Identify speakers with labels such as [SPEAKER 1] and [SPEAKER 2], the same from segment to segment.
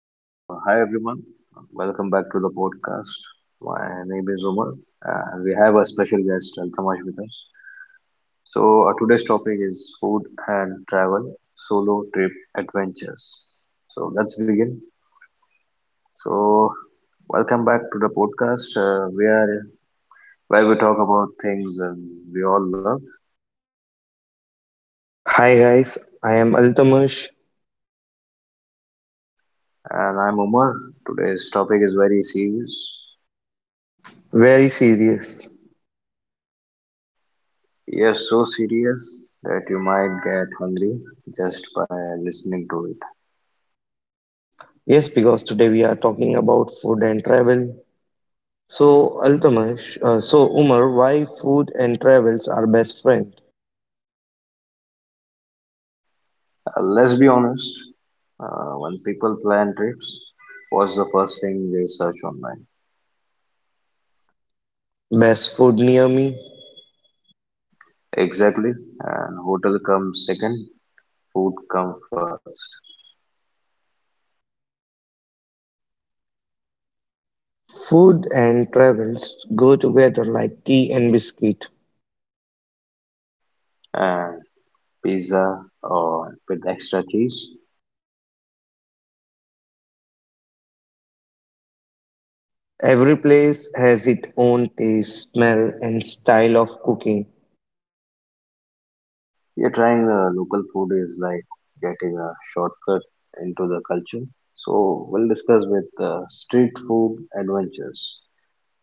[SPEAKER 1] So, hi everyone, welcome back to the podcast. My name is Umar, and we have a special guest, Altamash, with us. So, today's topic is food and travel, solo trip adventures. So, let's begin. So, welcome back to the podcast. We are Where we talk about things we all love,
[SPEAKER 2] Hi guys, I am Altamash.
[SPEAKER 1] and I'm Umar. Today's topic is very serious.
[SPEAKER 2] Very serious.
[SPEAKER 1] Yes, so serious that you might get hungry just by listening to it.
[SPEAKER 2] Yes, because today we are talking about food and travel. So Altamash, so Umar, why food and travels are best friend?
[SPEAKER 1] Let's be honest, when people plan trips, what's the first thing they search online?
[SPEAKER 2] Best food near me.
[SPEAKER 1] Exactly, and hotel comes second, food comes first,
[SPEAKER 2] Food and travels go together like tea and biscuit.
[SPEAKER 1] and pizza or with extra cheese.
[SPEAKER 2] Every place has its own taste, smell, and style of cooking.
[SPEAKER 1] Yeah, trying local food is like getting a shortcut into the culture. So we'll discuss with street food adventures.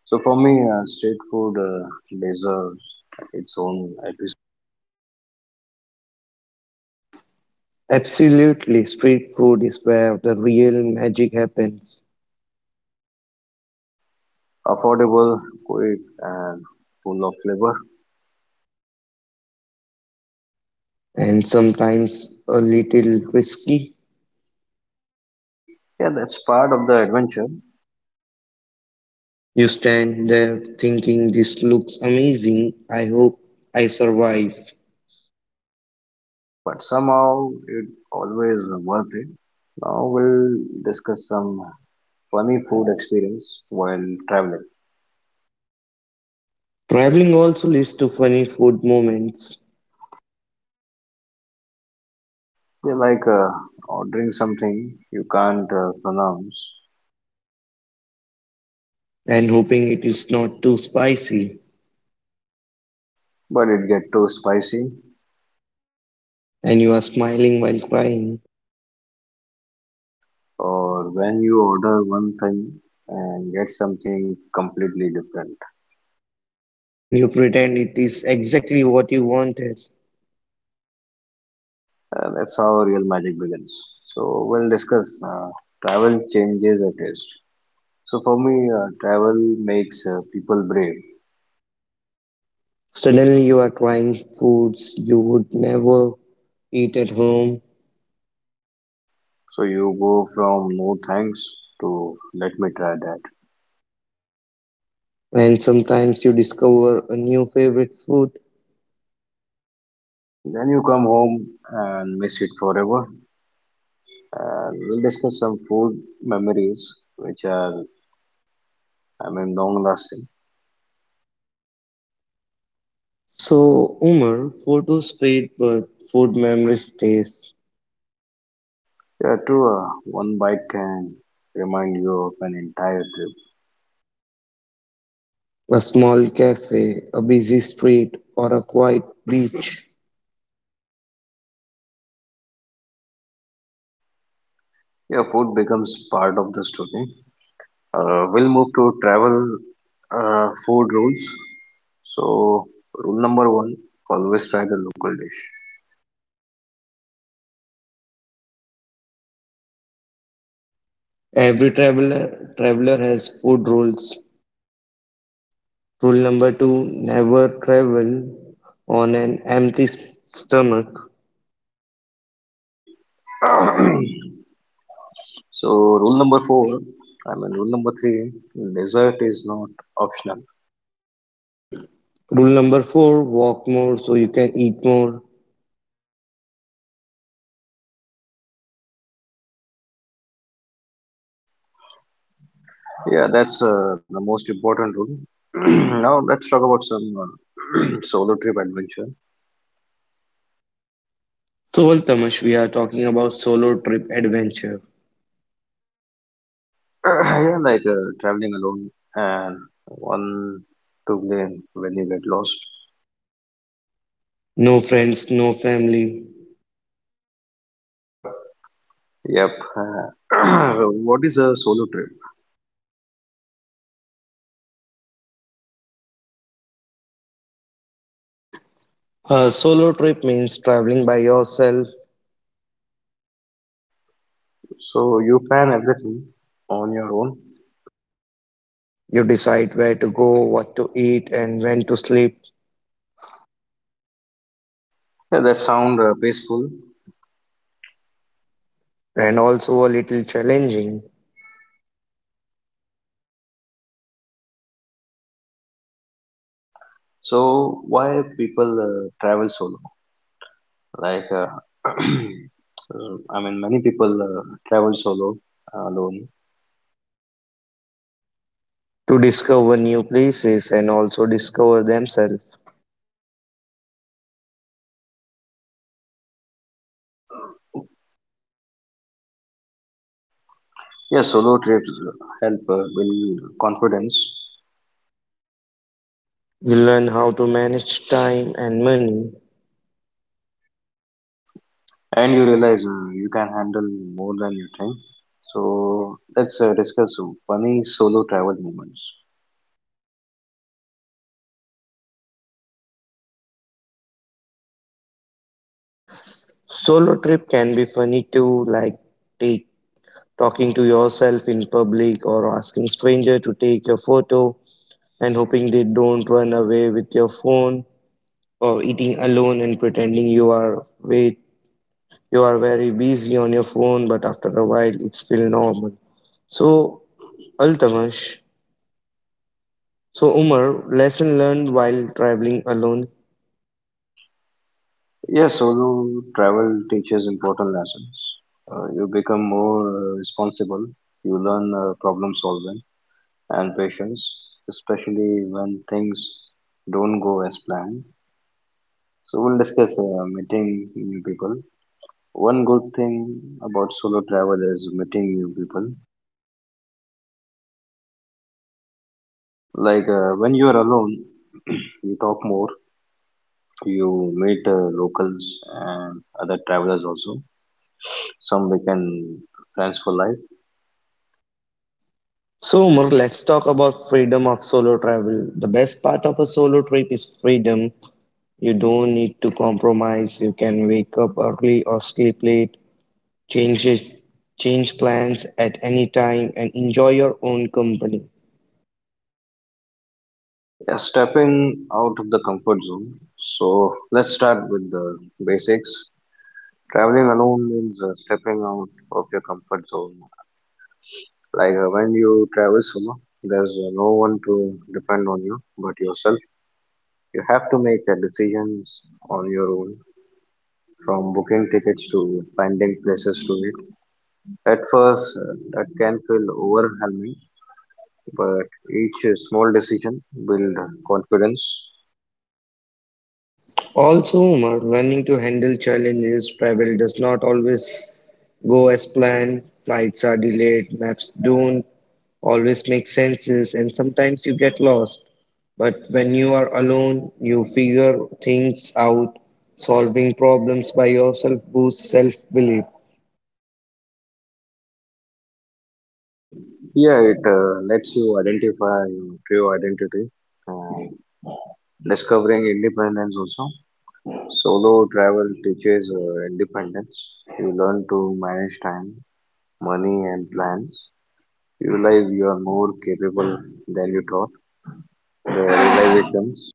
[SPEAKER 1] So for me, street food deserves its own episode.
[SPEAKER 2] Absolutely, street food is where the real magic happens.
[SPEAKER 1] Affordable, quick, and full of flavor.
[SPEAKER 2] And sometimes a little risky.
[SPEAKER 1] Yeah, that's part of the adventure,
[SPEAKER 2] You stand there thinking, this looks amazing. I hope I survive.
[SPEAKER 1] but somehow it always worth it. Now we'll discuss some funny food experience while traveling.
[SPEAKER 2] Traveling also leads to funny food moments
[SPEAKER 1] They like ordering something you can't pronounce,
[SPEAKER 2] and hoping it is not too spicy.
[SPEAKER 1] but it get too spicy,
[SPEAKER 2] And you are smiling while crying,
[SPEAKER 1] or when you order one thing and get something completely different.
[SPEAKER 2] and you pretend it is exactly what you wanted.
[SPEAKER 1] That's how real magic begins. So we'll discuss travel changes a taste. So for me, travel makes people brave.
[SPEAKER 2] Suddenly, you are trying foods you would never eat at home,
[SPEAKER 1] So you go from no thanks to let me try that.
[SPEAKER 2] and sometimes you discover a new favorite food.
[SPEAKER 1] Then you come home and miss it forever. And we'll discuss some food memories, which are, I mean, long lasting.
[SPEAKER 2] So, Umar, photos fade, but food memory stays.
[SPEAKER 1] Yeah, true. One bite can remind you of an entire trip.
[SPEAKER 2] A small cafe, a busy street, or a quiet beach.
[SPEAKER 1] Yeah, food becomes part of the story. We'll move to travel food rules. So, rule number one, always try the local dish.
[SPEAKER 2] Every traveler has food rules. Rule number two: never travel on an empty stomach.
[SPEAKER 1] So, rule number four, I mean, rule number three. Dessert is not optional.
[SPEAKER 2] Rule number four: walk more so you can eat more.
[SPEAKER 1] Yeah, that's the most important rule. Now let's talk about some solo trip adventure.
[SPEAKER 2] So, well, Tamash, we are talking about solo trip adventure.
[SPEAKER 1] Yeah, like traveling alone and one to blame when you get lost.
[SPEAKER 2] No friends, no family.
[SPEAKER 1] Yep. Yep. Uh, so what is a solo trip?
[SPEAKER 2] A solo trip means traveling by yourself.
[SPEAKER 1] So you plan everything on your own.
[SPEAKER 2] You decide where to go, what to eat, and when to sleep,
[SPEAKER 1] Yeah, that sound peaceful.
[SPEAKER 2] and also a little challenging
[SPEAKER 1] So why people travel solo? Like, I mean, many people travel solo, alone.
[SPEAKER 2] to discover new places and also discover themselves.
[SPEAKER 1] Yes, solo trips help build confidence,
[SPEAKER 2] You learn how to manage time and money.
[SPEAKER 1] and you realize you can handle more than you think. So let's discuss funny solo travel moments.
[SPEAKER 2] Solo trip can be funny too, like take talking to yourself in public or asking stranger to take your photo and hoping they don't run away with your phone, or eating alone and pretending you are wait you are very busy on your phone, but after a while it's feel normal. So, Altamash, so Umar, lesson learned while traveling alone.
[SPEAKER 1] Yes, solo travel teaches important lessons. You become more responsible. You learn problem solving and patience, especially when things don't go as planned. So we'll discuss meeting new people. One good thing about solo travel is meeting new people. Like when you are alone, you talk more, you meet locals and other travelers also. Some we can plans for life.
[SPEAKER 2] So, Umar, let's talk about freedom of solo travel. The best part of a solo trip is freedom. You don't need to compromise. You can wake up early or sleep late, change it, change plans at any time, and enjoy your own company.
[SPEAKER 1] Yeah, stepping out of the comfort zone. So let's start with the basics. Traveling alone means stepping out of your comfort zone. Like when you travel solo, there's no one to depend on you but yourself. You have to make decisions on your own, from booking tickets to finding places to eat. At first, that can feel overwhelming, but each small decision builds confidence.
[SPEAKER 2] Also, Umar, learning to handle challenges, travel does not always go as planned, flights are delayed, maps don't always make senses, and sometimes you get lost. But when you are alone, you figure things out. Solving problems by yourself boosts self belief.
[SPEAKER 1] Yeah, it lets you identify your true identity and discovering independence also. Solo travel teaches independence. You learn to manage time, money, and plans. You realize you are more capable than you thought. the realizations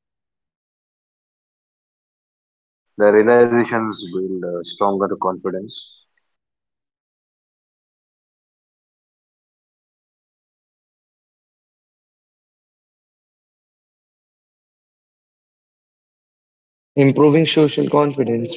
[SPEAKER 1] the realizations build stronger confidence.
[SPEAKER 2] Improving social confidence.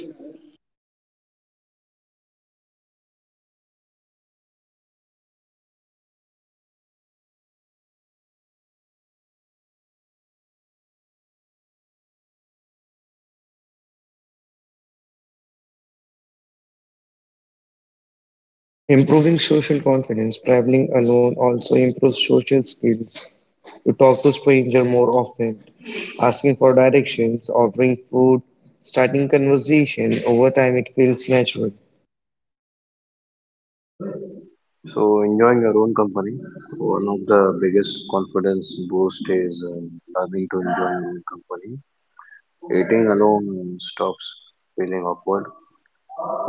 [SPEAKER 2] Improving social confidence. Traveling alone also improves social skills. You talk to stranger more often, asking for directions, ordering food, starting conversation. Over time, it feels natural.
[SPEAKER 1] So, enjoying your own company. One of the biggest confidence boost is learning to enjoy your own company. Eating alone stops feeling awkward.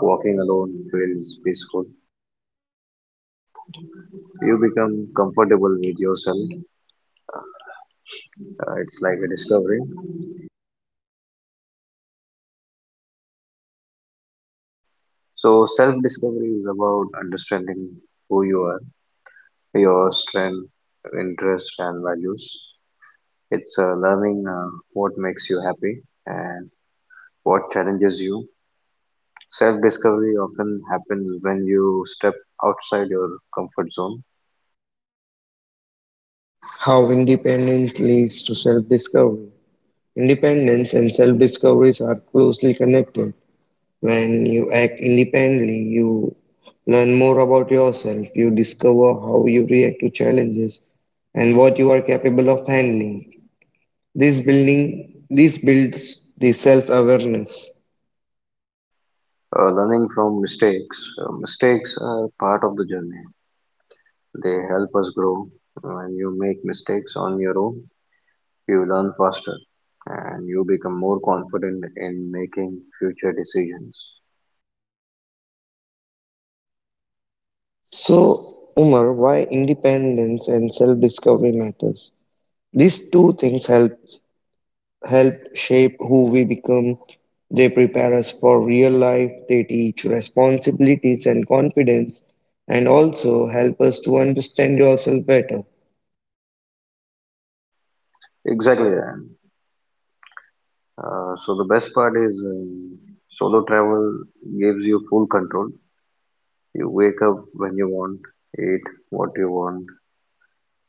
[SPEAKER 1] Walking alone feels peaceful. You become comfortable with yourself. It's like a discovery. So self discovery is about understanding who you are, your strength interests and values. It's learning what makes you happy and what challenges you. Self discovery often happens when you step outside your comfort zone.
[SPEAKER 2] How independence leads to self discovery. Independence and self discoveries are closely connected. When you act independently, you learn more about yourself, you discover how you react to challenges and what you are capable of handling. This builds the self awareness.
[SPEAKER 1] Learning from mistakes. Mistakes are part of the journey, they help us grow. When you make mistakes on your own, you learn faster and you become more confident in making future decisions.
[SPEAKER 2] So, Umar, why independence and self discovery matters? These two things help shape who we become. They prepare us for real life, they teach responsibilities and confidence, and also help us to understand yourself better.
[SPEAKER 1] Exactly, Ryan. So the best part is solo travel gives you full control. You wake up when you want, eat what you want,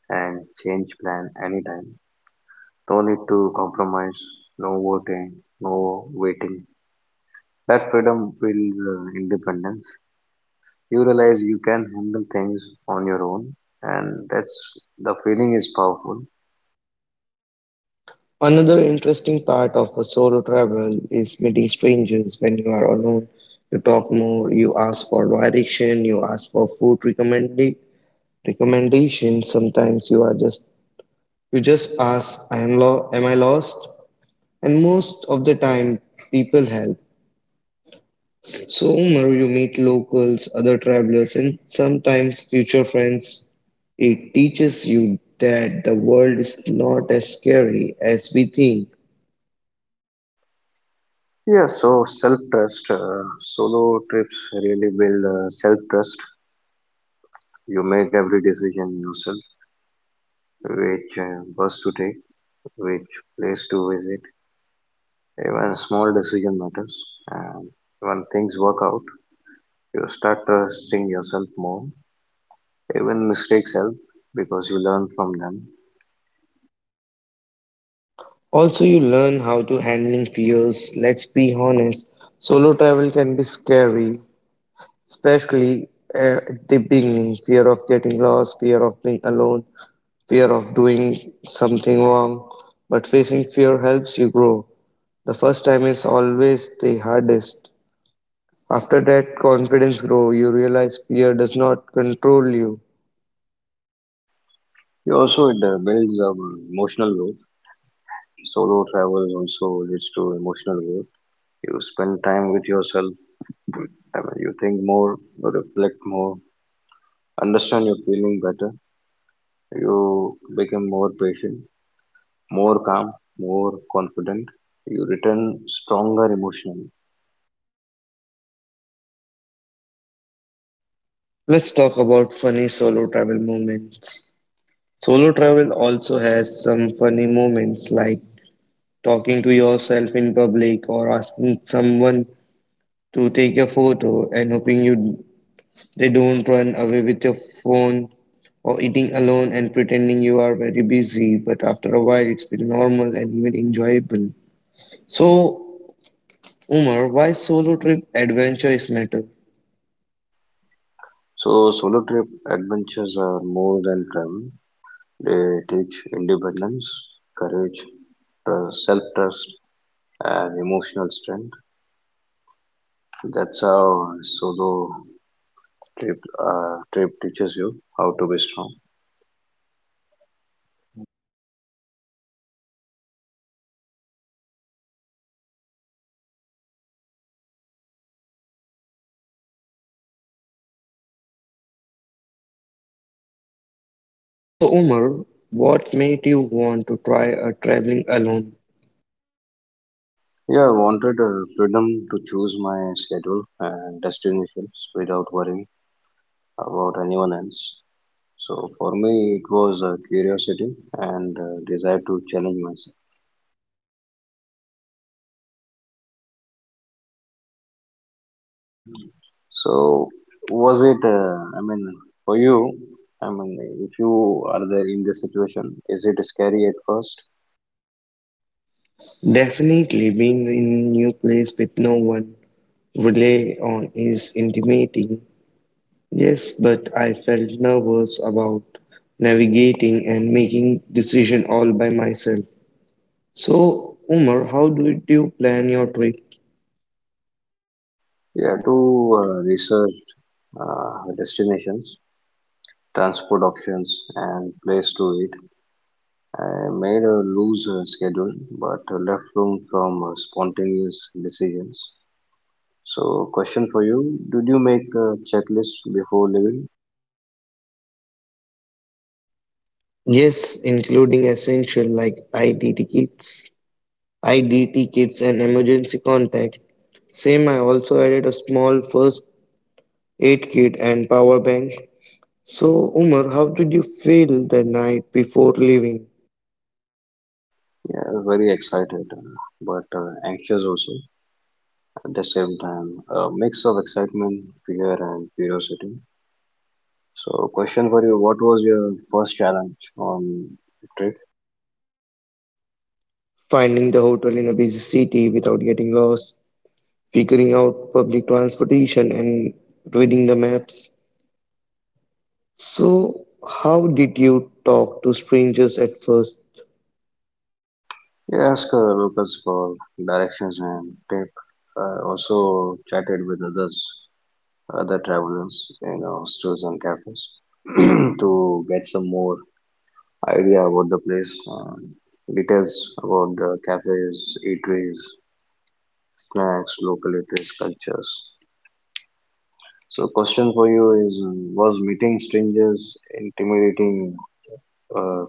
[SPEAKER 1] and change plan anytime. No need to compromise, no voting, no waiting. That freedom builds independence. You realize you can handle things on your own, and that's the feeling is powerful.
[SPEAKER 2] Another interesting part of a solo travel is meeting strangers when you are alone. You talk more, you ask for direction, you ask for food recommendations. Sometimes you are just you just ask, I am am I lost? And most of the time people help. So, Umar, you meet locals, other travelers, and sometimes future friends. It teaches you that the world is not as scary as we think.
[SPEAKER 1] Yeah, so self trust, solo trips really build self trust. You make every decision yourself, which bus to take, which place to visit. Even small decision matters, and when things work out, you start trusting yourself more. Even mistakes help because you learn from them.
[SPEAKER 2] Also, you learn how to handling fears. Let's be honest, solo travel can be scary, especially at the beginning. Fear of getting lost, fear of being alone, fear of doing something wrong. But facing fear helps you grow. The first time is always the hardest. After that confidence grow, you realize fear does not control you.
[SPEAKER 1] You also it builds emotional growth. Solo travel also leads to emotional growth. You spend time with yourself. I mean, you think more, you reflect more, understand your feeling better. You become more patient, more calm, more confident. You return stronger emotionally.
[SPEAKER 2] Let's talk about funny solo travel moments. Solo travel also has some funny moments like talking to yourself in public or asking someone to take a photo and hoping you they don't run away with your phone, or eating alone and pretending you are very busy, but after a while it's feel normal and even enjoyable. So Umar, why solo trip adventure is matter?
[SPEAKER 1] So solo trip adventures are more than travel. They teach independence, courage, self trust, and emotional strength. That's how solo trip trip teaches you how to be strong.
[SPEAKER 2] So, Umar, what made you want to try a traveling alone?
[SPEAKER 1] Yeah, I wanted freedom to choose my schedule and destinations without worrying about anyone else. So for me, it was curiosity and desire to challenge myself. So, was it, I mean, for you, I mean, if you are there in this situation, is it scary at first?
[SPEAKER 2] Definitely being in new place with no one rely on is intimidating. Yes, but I felt nervous about navigating and making decision all by myself. So, Umar, how did you plan your trip?
[SPEAKER 1] Yeah, to research destinations, transport options, and place to eat. I made a loose schedule, but left room from spontaneous decisions. So, question for you: did you make a checklist before leaving?
[SPEAKER 2] Yes, including essential like ID tickets and emergency contact. Same, I also added a small first Eight kit, and power bank. So, Umar, how did you feel the night before leaving?
[SPEAKER 1] Yeah, very excited, but anxious also. At the same time, a mix of excitement, fear, and curiosity. So, question for you: what was your first challenge on the trip?
[SPEAKER 2] Finding the hotel in a busy city without getting lost, figuring out public transportation, and reading the maps. So, how did you talk to strangers at first?
[SPEAKER 1] We asked locals for directions and tip. I also chatted with others, other travelers in hostels and cafes to get some more idea about the place, and details about the cafes, eateries, snacks, local eateries, cultures. So question for you is, was meeting strangers intimidating? Uh,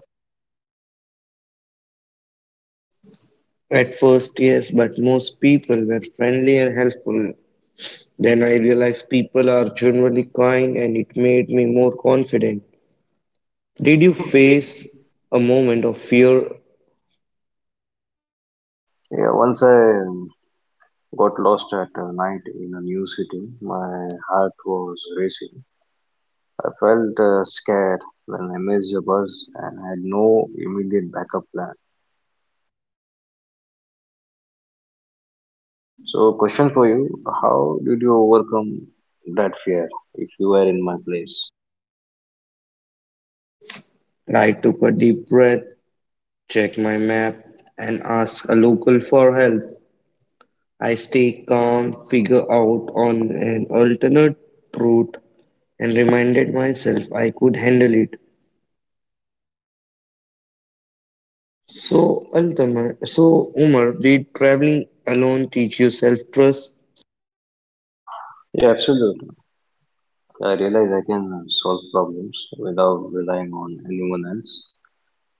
[SPEAKER 2] At first, yes, but most people were friendly and helpful. Then I realized people are generally kind, and it made me more confident. Did
[SPEAKER 1] Did
[SPEAKER 2] you
[SPEAKER 1] you feel?
[SPEAKER 2] face a moment of fear.
[SPEAKER 1] Yeah, once I um, got lost at night in a new city, my heart was racing. I felt scared when I missed a bus and had no immediate backup plan. So question for you, how did you overcome that fear if you were in my place?
[SPEAKER 2] I took a deep breath, checked my map, and asked a local for help. I stayed calm, figured out on an alternate route, and reminded myself I could handle it. So, so Umar, did traveling alone teach you self-trust?
[SPEAKER 1] Yeah, absolutely. I realize I can solve problems without relying on anyone else.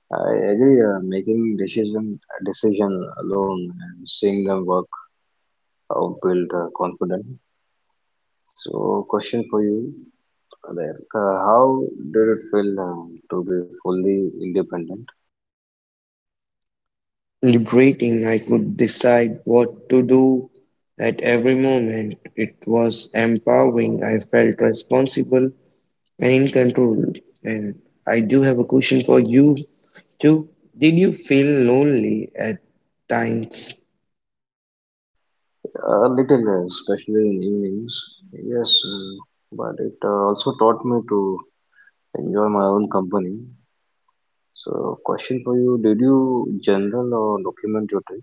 [SPEAKER 1] I agree, making decision alone and seeing them work out build confidence. So, question for you there. How did it feel to be fully independent?
[SPEAKER 2] Liberating, I could decide what to do at every moment. It was empowering. I felt responsible and in control. And I do have a question for you too. Did you feel lonely at times?
[SPEAKER 1] A little, especially in evenings. Yes, but it also taught me to enjoy my own company. So, question for you: did you journal or document your trip?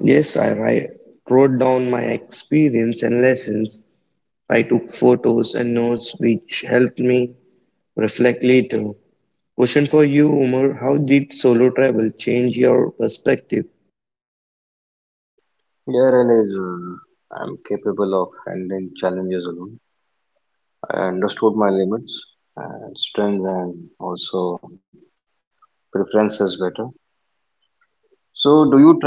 [SPEAKER 2] Yes, wrote down my experience and lessons. I took photos and notes which helped me reflect later. Question for you, Umar, how did solo travel change your perspective?
[SPEAKER 1] Yeah, I realize I'm capable of handling challenges alone. I understood my limits and strengths and also preferences better. So, do you try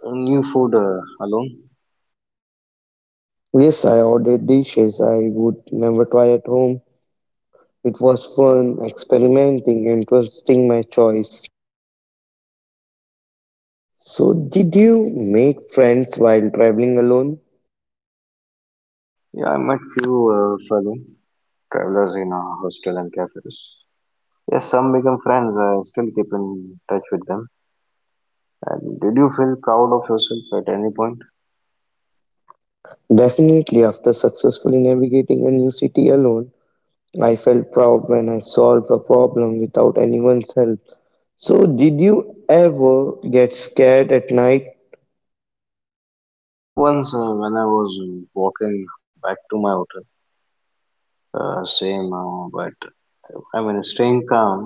[SPEAKER 1] new food alone?
[SPEAKER 2] Yes, I ordered dishes I would never try at home. It was fun experimenting and trusting my choice. So, did you make friends while traveling alone?
[SPEAKER 1] Yeah, I met few fellow travelers in a hostel and cafes. Yes, some become friends. I still keep in touch with them. And did you feel proud of yourself at any point?
[SPEAKER 2] Definitely, after successfully navigating a new city alone, I felt proud when I solved a problem without anyone's help. So, did you ever get scared at night?
[SPEAKER 1] Yeah, once when I was walking back to my hotel, same, but I mean, staying calm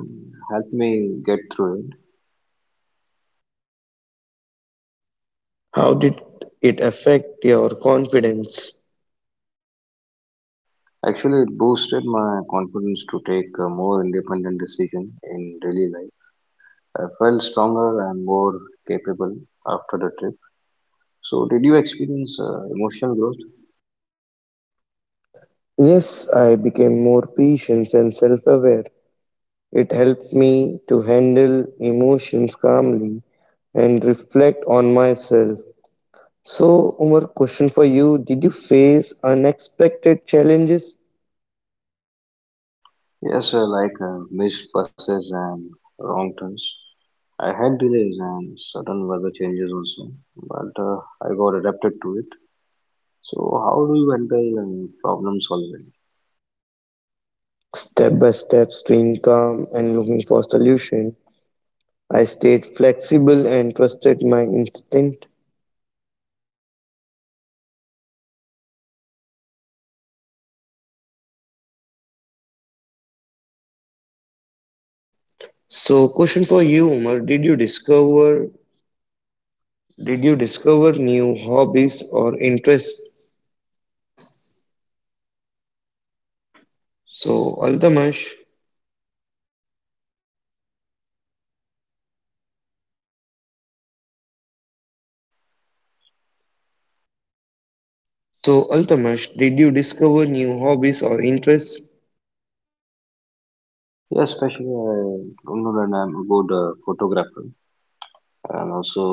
[SPEAKER 1] helped me get through it.
[SPEAKER 2] How did it affect your confidence?
[SPEAKER 1] Actually, it boosted my confidence to take a more independent decision in daily life. I felt stronger and more capable after the trip. So, did you experience emotional growth?
[SPEAKER 2] Yes, I became more patient and self aware. It helped me to handle emotions calmly and reflect on myself. So, Umar, question for you. Did you face unexpected challenges?
[SPEAKER 1] Yes, like missed buses and wrong turns. I had delays and sudden weather changes also, but I got adapted to it. So, how do you handle problem solving?
[SPEAKER 2] Step by step, staying calm and looking for solution. I stayed flexible and trusted my instinct. So, question for you, Umar. Did you discover new hobbies or interests? So, Altamash.
[SPEAKER 1] Yeah, yeah, Omar.
[SPEAKER 2] So, Altamash, did you discover new hobbies or interests?
[SPEAKER 1] Yeah, especially I don't know that I'm a good photographer. And also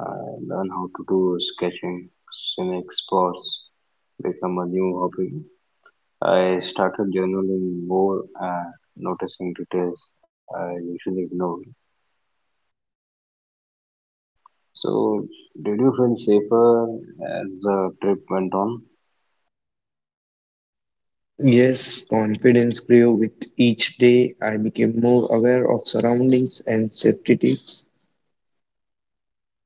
[SPEAKER 1] learn how to do sketching, swimming sports, become a new hobby. I started journaling more and noticing details I usually ignore. So, did you feel safer as the trip went on?
[SPEAKER 2] Yes, confidence grew with each day. I became more aware of surroundings and safety tips.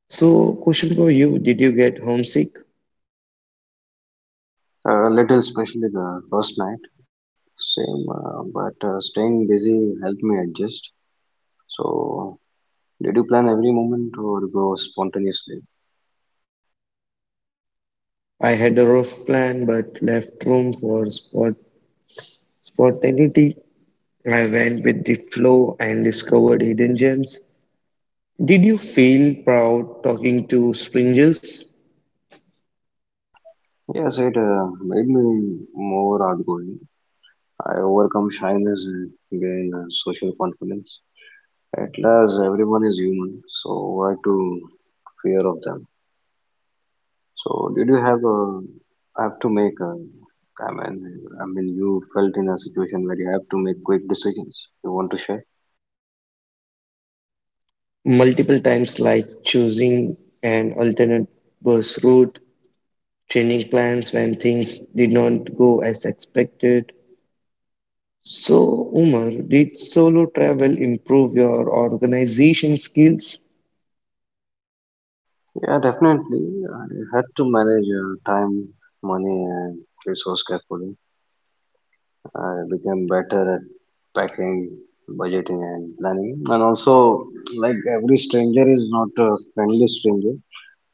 [SPEAKER 2] So, question for you, did you get homesick?
[SPEAKER 1] A little, especially the first night. Same, but staying busy helped me adjust. So, did you plan every moment or go spontaneously?
[SPEAKER 2] I had a rough plan but left room for spontaneity. I went with the flow and discovered hidden gems. Did you feel proud talking to strangers?
[SPEAKER 1] Yes, it made me more outgoing. I overcome shyness and gain social confidence. At last, everyone is human, so why to fear of them? So, did you have a? I have to make a I mean, I mean, you felt in a situation where you have to make quick decisions. You want to share?
[SPEAKER 2] Multiple times, like choosing an alternate bus route, changing plans when things did not go as expected. So, Umar, did solo travel improve your organization skills?
[SPEAKER 1] Yeah, definitely. I had to manage time, money, and resource carefully. I became better at packing, budgeting, and planning. And also, like every stranger is not a friendly stranger,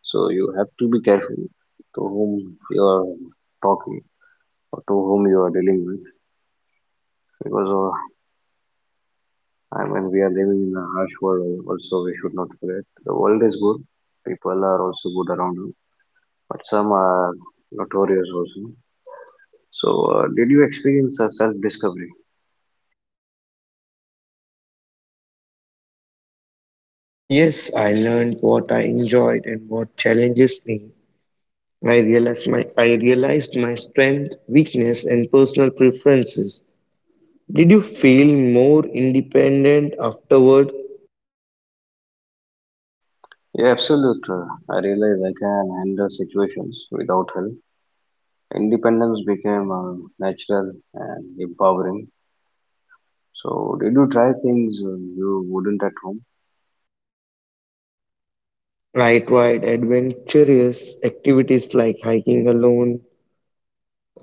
[SPEAKER 1] so you have to be careful to whom you are talking or to whom you are dealing with. Because I mean, we are living in a harsh world. Also, we should not forget the world is good. People are also good around you, but some are notorious also. So, did you experience a self-discovery?
[SPEAKER 2] Yes, I learned what I enjoyed and what challenges me. I realized my strength, weakness, and personal preferences. Did you feel more independent afterward?
[SPEAKER 1] Yeah, absolute. I realize I can handle situations without help. Independence became natural and empowering. So, did you try things you wouldn't at home?
[SPEAKER 2] I tried adventurous activities like hiking alone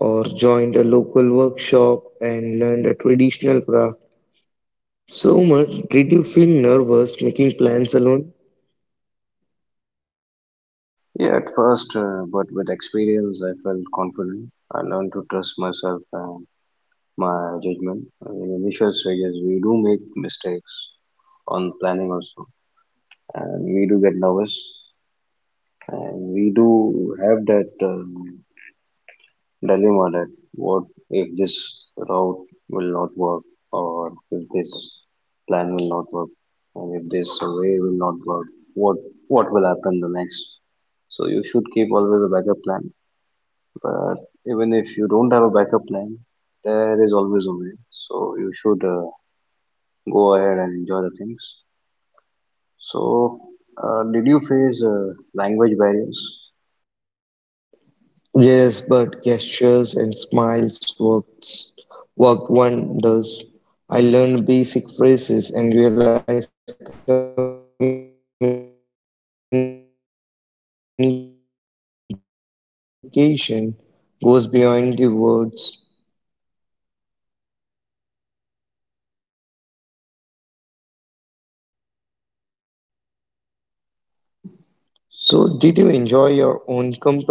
[SPEAKER 2] or joined a local workshop and learned a traditional craft. So much. Did you feel nervous making plans alone?
[SPEAKER 1] Yeah, at first, but with experience, I felt confident. I learned to trust myself and my judgment. In initial stages, we do make mistakes on planning also, and we do get nervous, and we do have that. Delhi nodded. What if this route will not work, or if this plan will not work, and if this way will not work? What what will happen the next? So you should keep always a backup plan. But even if you don't have a backup plan, there is always a way. So you should go ahead and enjoy the things. So did you face language barriers?
[SPEAKER 2] Yes, but gestures and smiles worked, worked wonders. I learned basic phrases and realized communication goes beyond the words. So, did you enjoy your own company?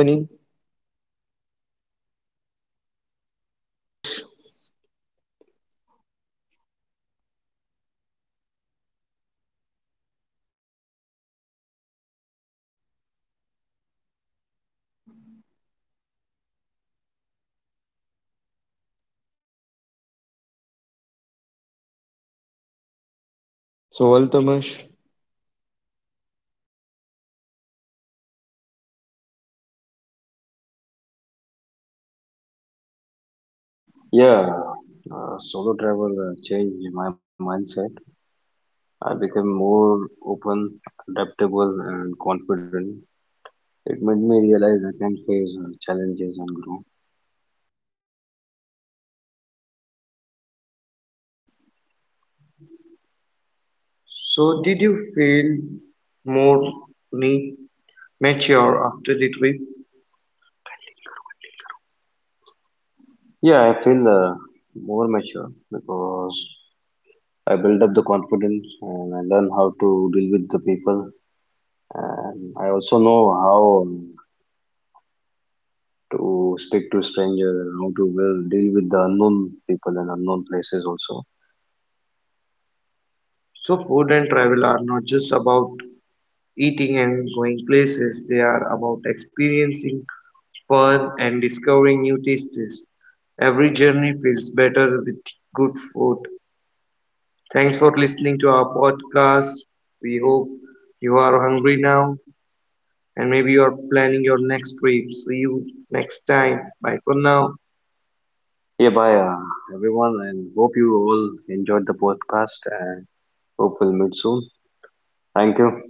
[SPEAKER 2] So, Altamash, so Altamash, did
[SPEAKER 1] Yeah, solo travel changed my mindset. I became more open, adaptable, and confident. It made me realize I can face challenges and grow. So, did you feel more ma- mature after the trip? Yeah, I feel more mature because I build up the confidence and I learn how to deal with the people. And I also know how to speak to strangers and how to well deal with the unknown people and unknown places also. So, food and travel are not just about eating and going places, they are about experiencing fun and discovering new tastes. Every journey feels better with good food. Thanks for listening to our podcast. We hope you are hungry now and maybe you are planning your next trip. See you next time. Bye for now. Yeah, bye everyone, and hope you all enjoyed the podcast and hope we'll meet soon. Thank you.